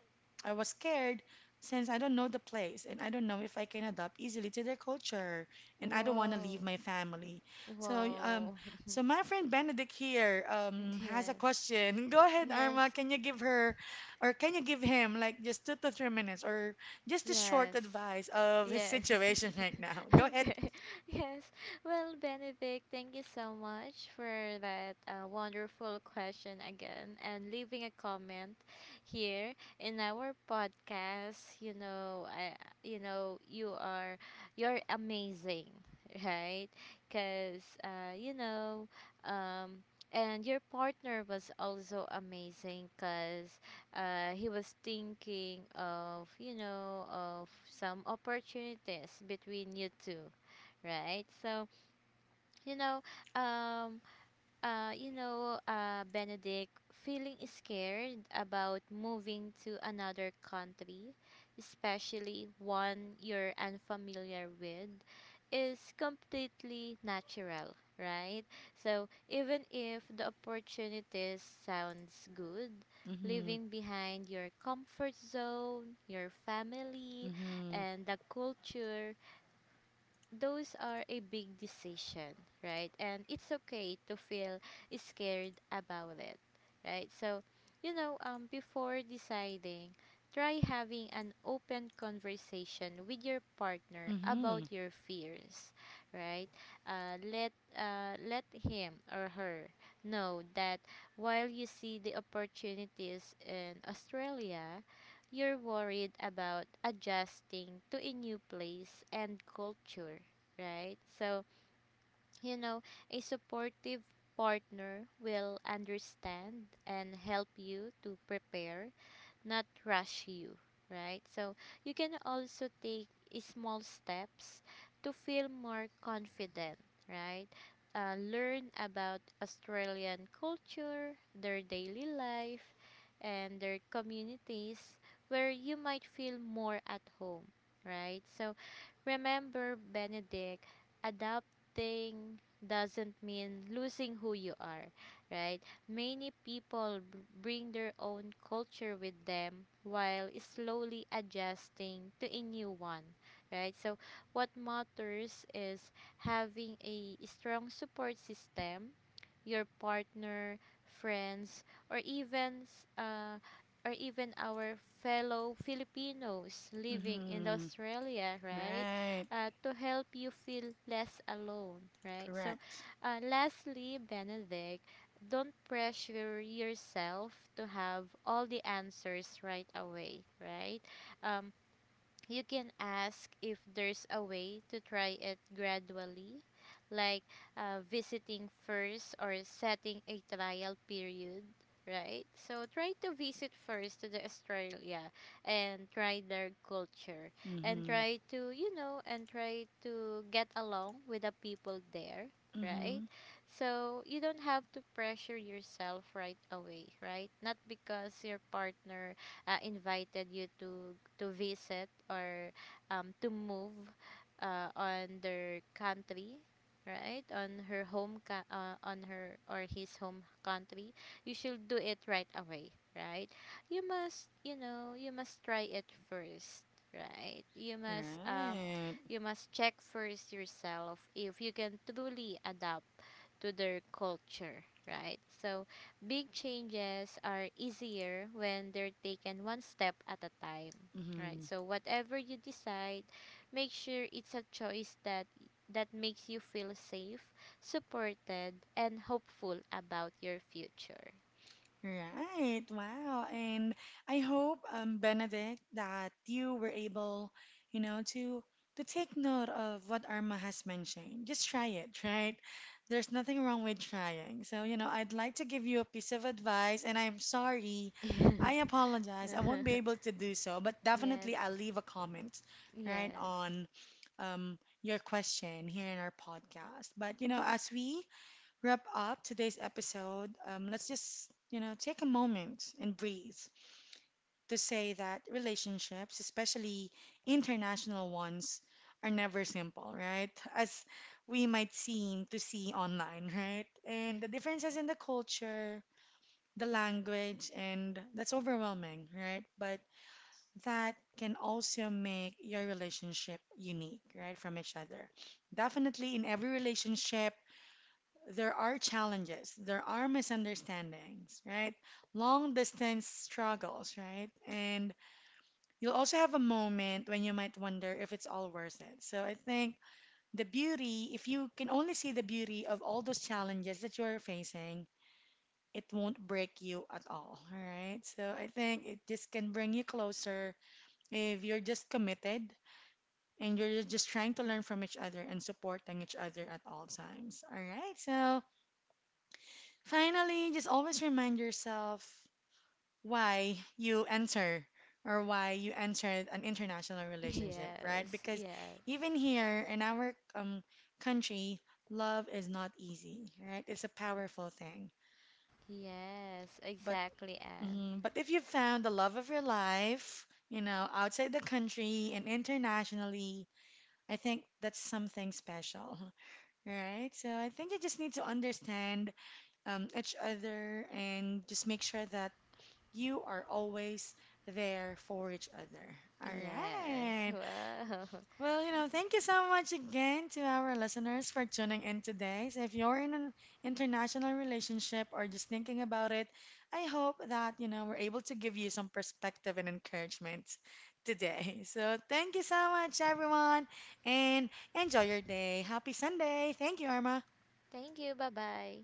I was scared since I don't know the place and I don't know if I can adapt easily to their culture and I don't want to leave Whoa. my family. So um Whoa. *laughs* so my friend Benedict here um has a Yes. question. *laughs* Go ahead, Arma. Yes. Can you give her or can you give him like just two to three minutes or just a short Yes. advice of his Yes. situation *laughs* right now? *laughs* Go ahead. Okay. Yes. Well, Benedict, thank you so much for that uh, wonderful question again and leaving a comment here in our podcast. You know, I you know, you are you're amazing, right? Cuz uh, you know, um and your partner was also amazing because uh, he was thinking of, you know, of some opportunities between you two, right? So, you know, um uh, you know, uh, Benedict, feeling scared about moving to another country, especially one you're unfamiliar with, is completely natural, right? So, even if the opportunities sounds good, Mm-hmm. leaving behind your comfort zone, your family, Mm-hmm. and the culture, those are a big decision, right? And it's okay to feel scared about it, right? So, you know, um, before deciding, try having an open conversation with your partner Mm-hmm. about your fears, right? Uh, let uh, let him or her know that while you see the opportunities in Australia, you're worried about adjusting to a new place and culture, right? So, you know, a supportive partner will understand and help you to prepare, not rush you, right? So you can also take small steps to feel more confident, right? Uh, learn about Australian culture, their daily life, and their communities where you might feel more at home, right? So remember, Benedict, adapting doesn't mean losing who you are, right? Many people b- bring their own culture with them while slowly adjusting to a new one, right? So, what matters is having a strong support system, your partner, friends, or even s- uh, or even our fellow Filipinos living in Mm-hmm. Australia, right? Right. Uh, to help you feel less alone, right? So, Correct. uh, lastly, Benedict, don't pressure yourself to have all the answers right away, right? Um, you can ask if there's a way to try it gradually, like uh, visiting first or setting a trial period, right? So try to visit first to the Australia and try their culture and Mm-hmm. try to, you know, and try to get along with the people there. Right? Mm-hmm. So you don't have to pressure yourself right away, right? Not because your partner uh, invited you to to visit or um, to move uh, on their country, right, on her home co- uh, on her or his home country, you should do it right away, right? You must, you know, you must try it first, right? You must um Right. you must check first yourself if you can truly adapt to their culture, right? So, big changes are easier when they're taken one step at a time, right? Mhm. So, whatever you decide, make sure it's a choice that that makes you feel safe, supported, and hopeful about your future. Right. Wow. And I hope, um, Benedict, that you were able, you know, to to take note of what Arma has mentioned. Just try it, right? There's nothing wrong with trying. So, you know, I'd like to give you a piece of advice, and I'm sorry. *laughs* Yes, I apologize. I won't be able to do so, but definitely I'll leave a comment, right, yes, on um your question here in our podcast. But, you know, as we wrap up today's episode, um, let's just, you know, take a moment and breathe to say that relationships, especially international ones, are never simple, right? *laughs* As we might seem to see online, right? And the differences in the culture, the language, and that's overwhelming, right? But that can also make your relationship unique, right, from each other. Definitely in every relationship, there are challenges, there are misunderstandings, right? Long distance struggles, right? And you'll also have a moment when you might wonder if it's all worth it. So I think the beauty, if you can only see the beauty of all those challenges that you're facing, it won't break you at all, all right? So I think it just can bring you closer if you're just committed and you're just trying to learn from each other and supporting each other at all times, all right? So finally, just always remind yourself why you enter or why you entered an international relationship, yes, right? Because yes, even here in our um, country, love is not easy, right? It's a powerful thing. yes, But exactly, Anne. mm, but if you found the love of your life, you know, outside the country and internationally, I think that's something special, *laughs* right? So I think you just need to understand um, each other and just make sure that you are always there for each other. All Yes. right. Wow. Well, you know, thank you so much again to our listeners for tuning in today. So if you're in an international relationship or just thinking about it, I hope that, you know, we're able to give you some perspective and encouragement today. *laughs* So thank you so much, everyone, and enjoy your day. Happy Sunday. Thank you, Arma. *laughs* Thank you. Bye bye.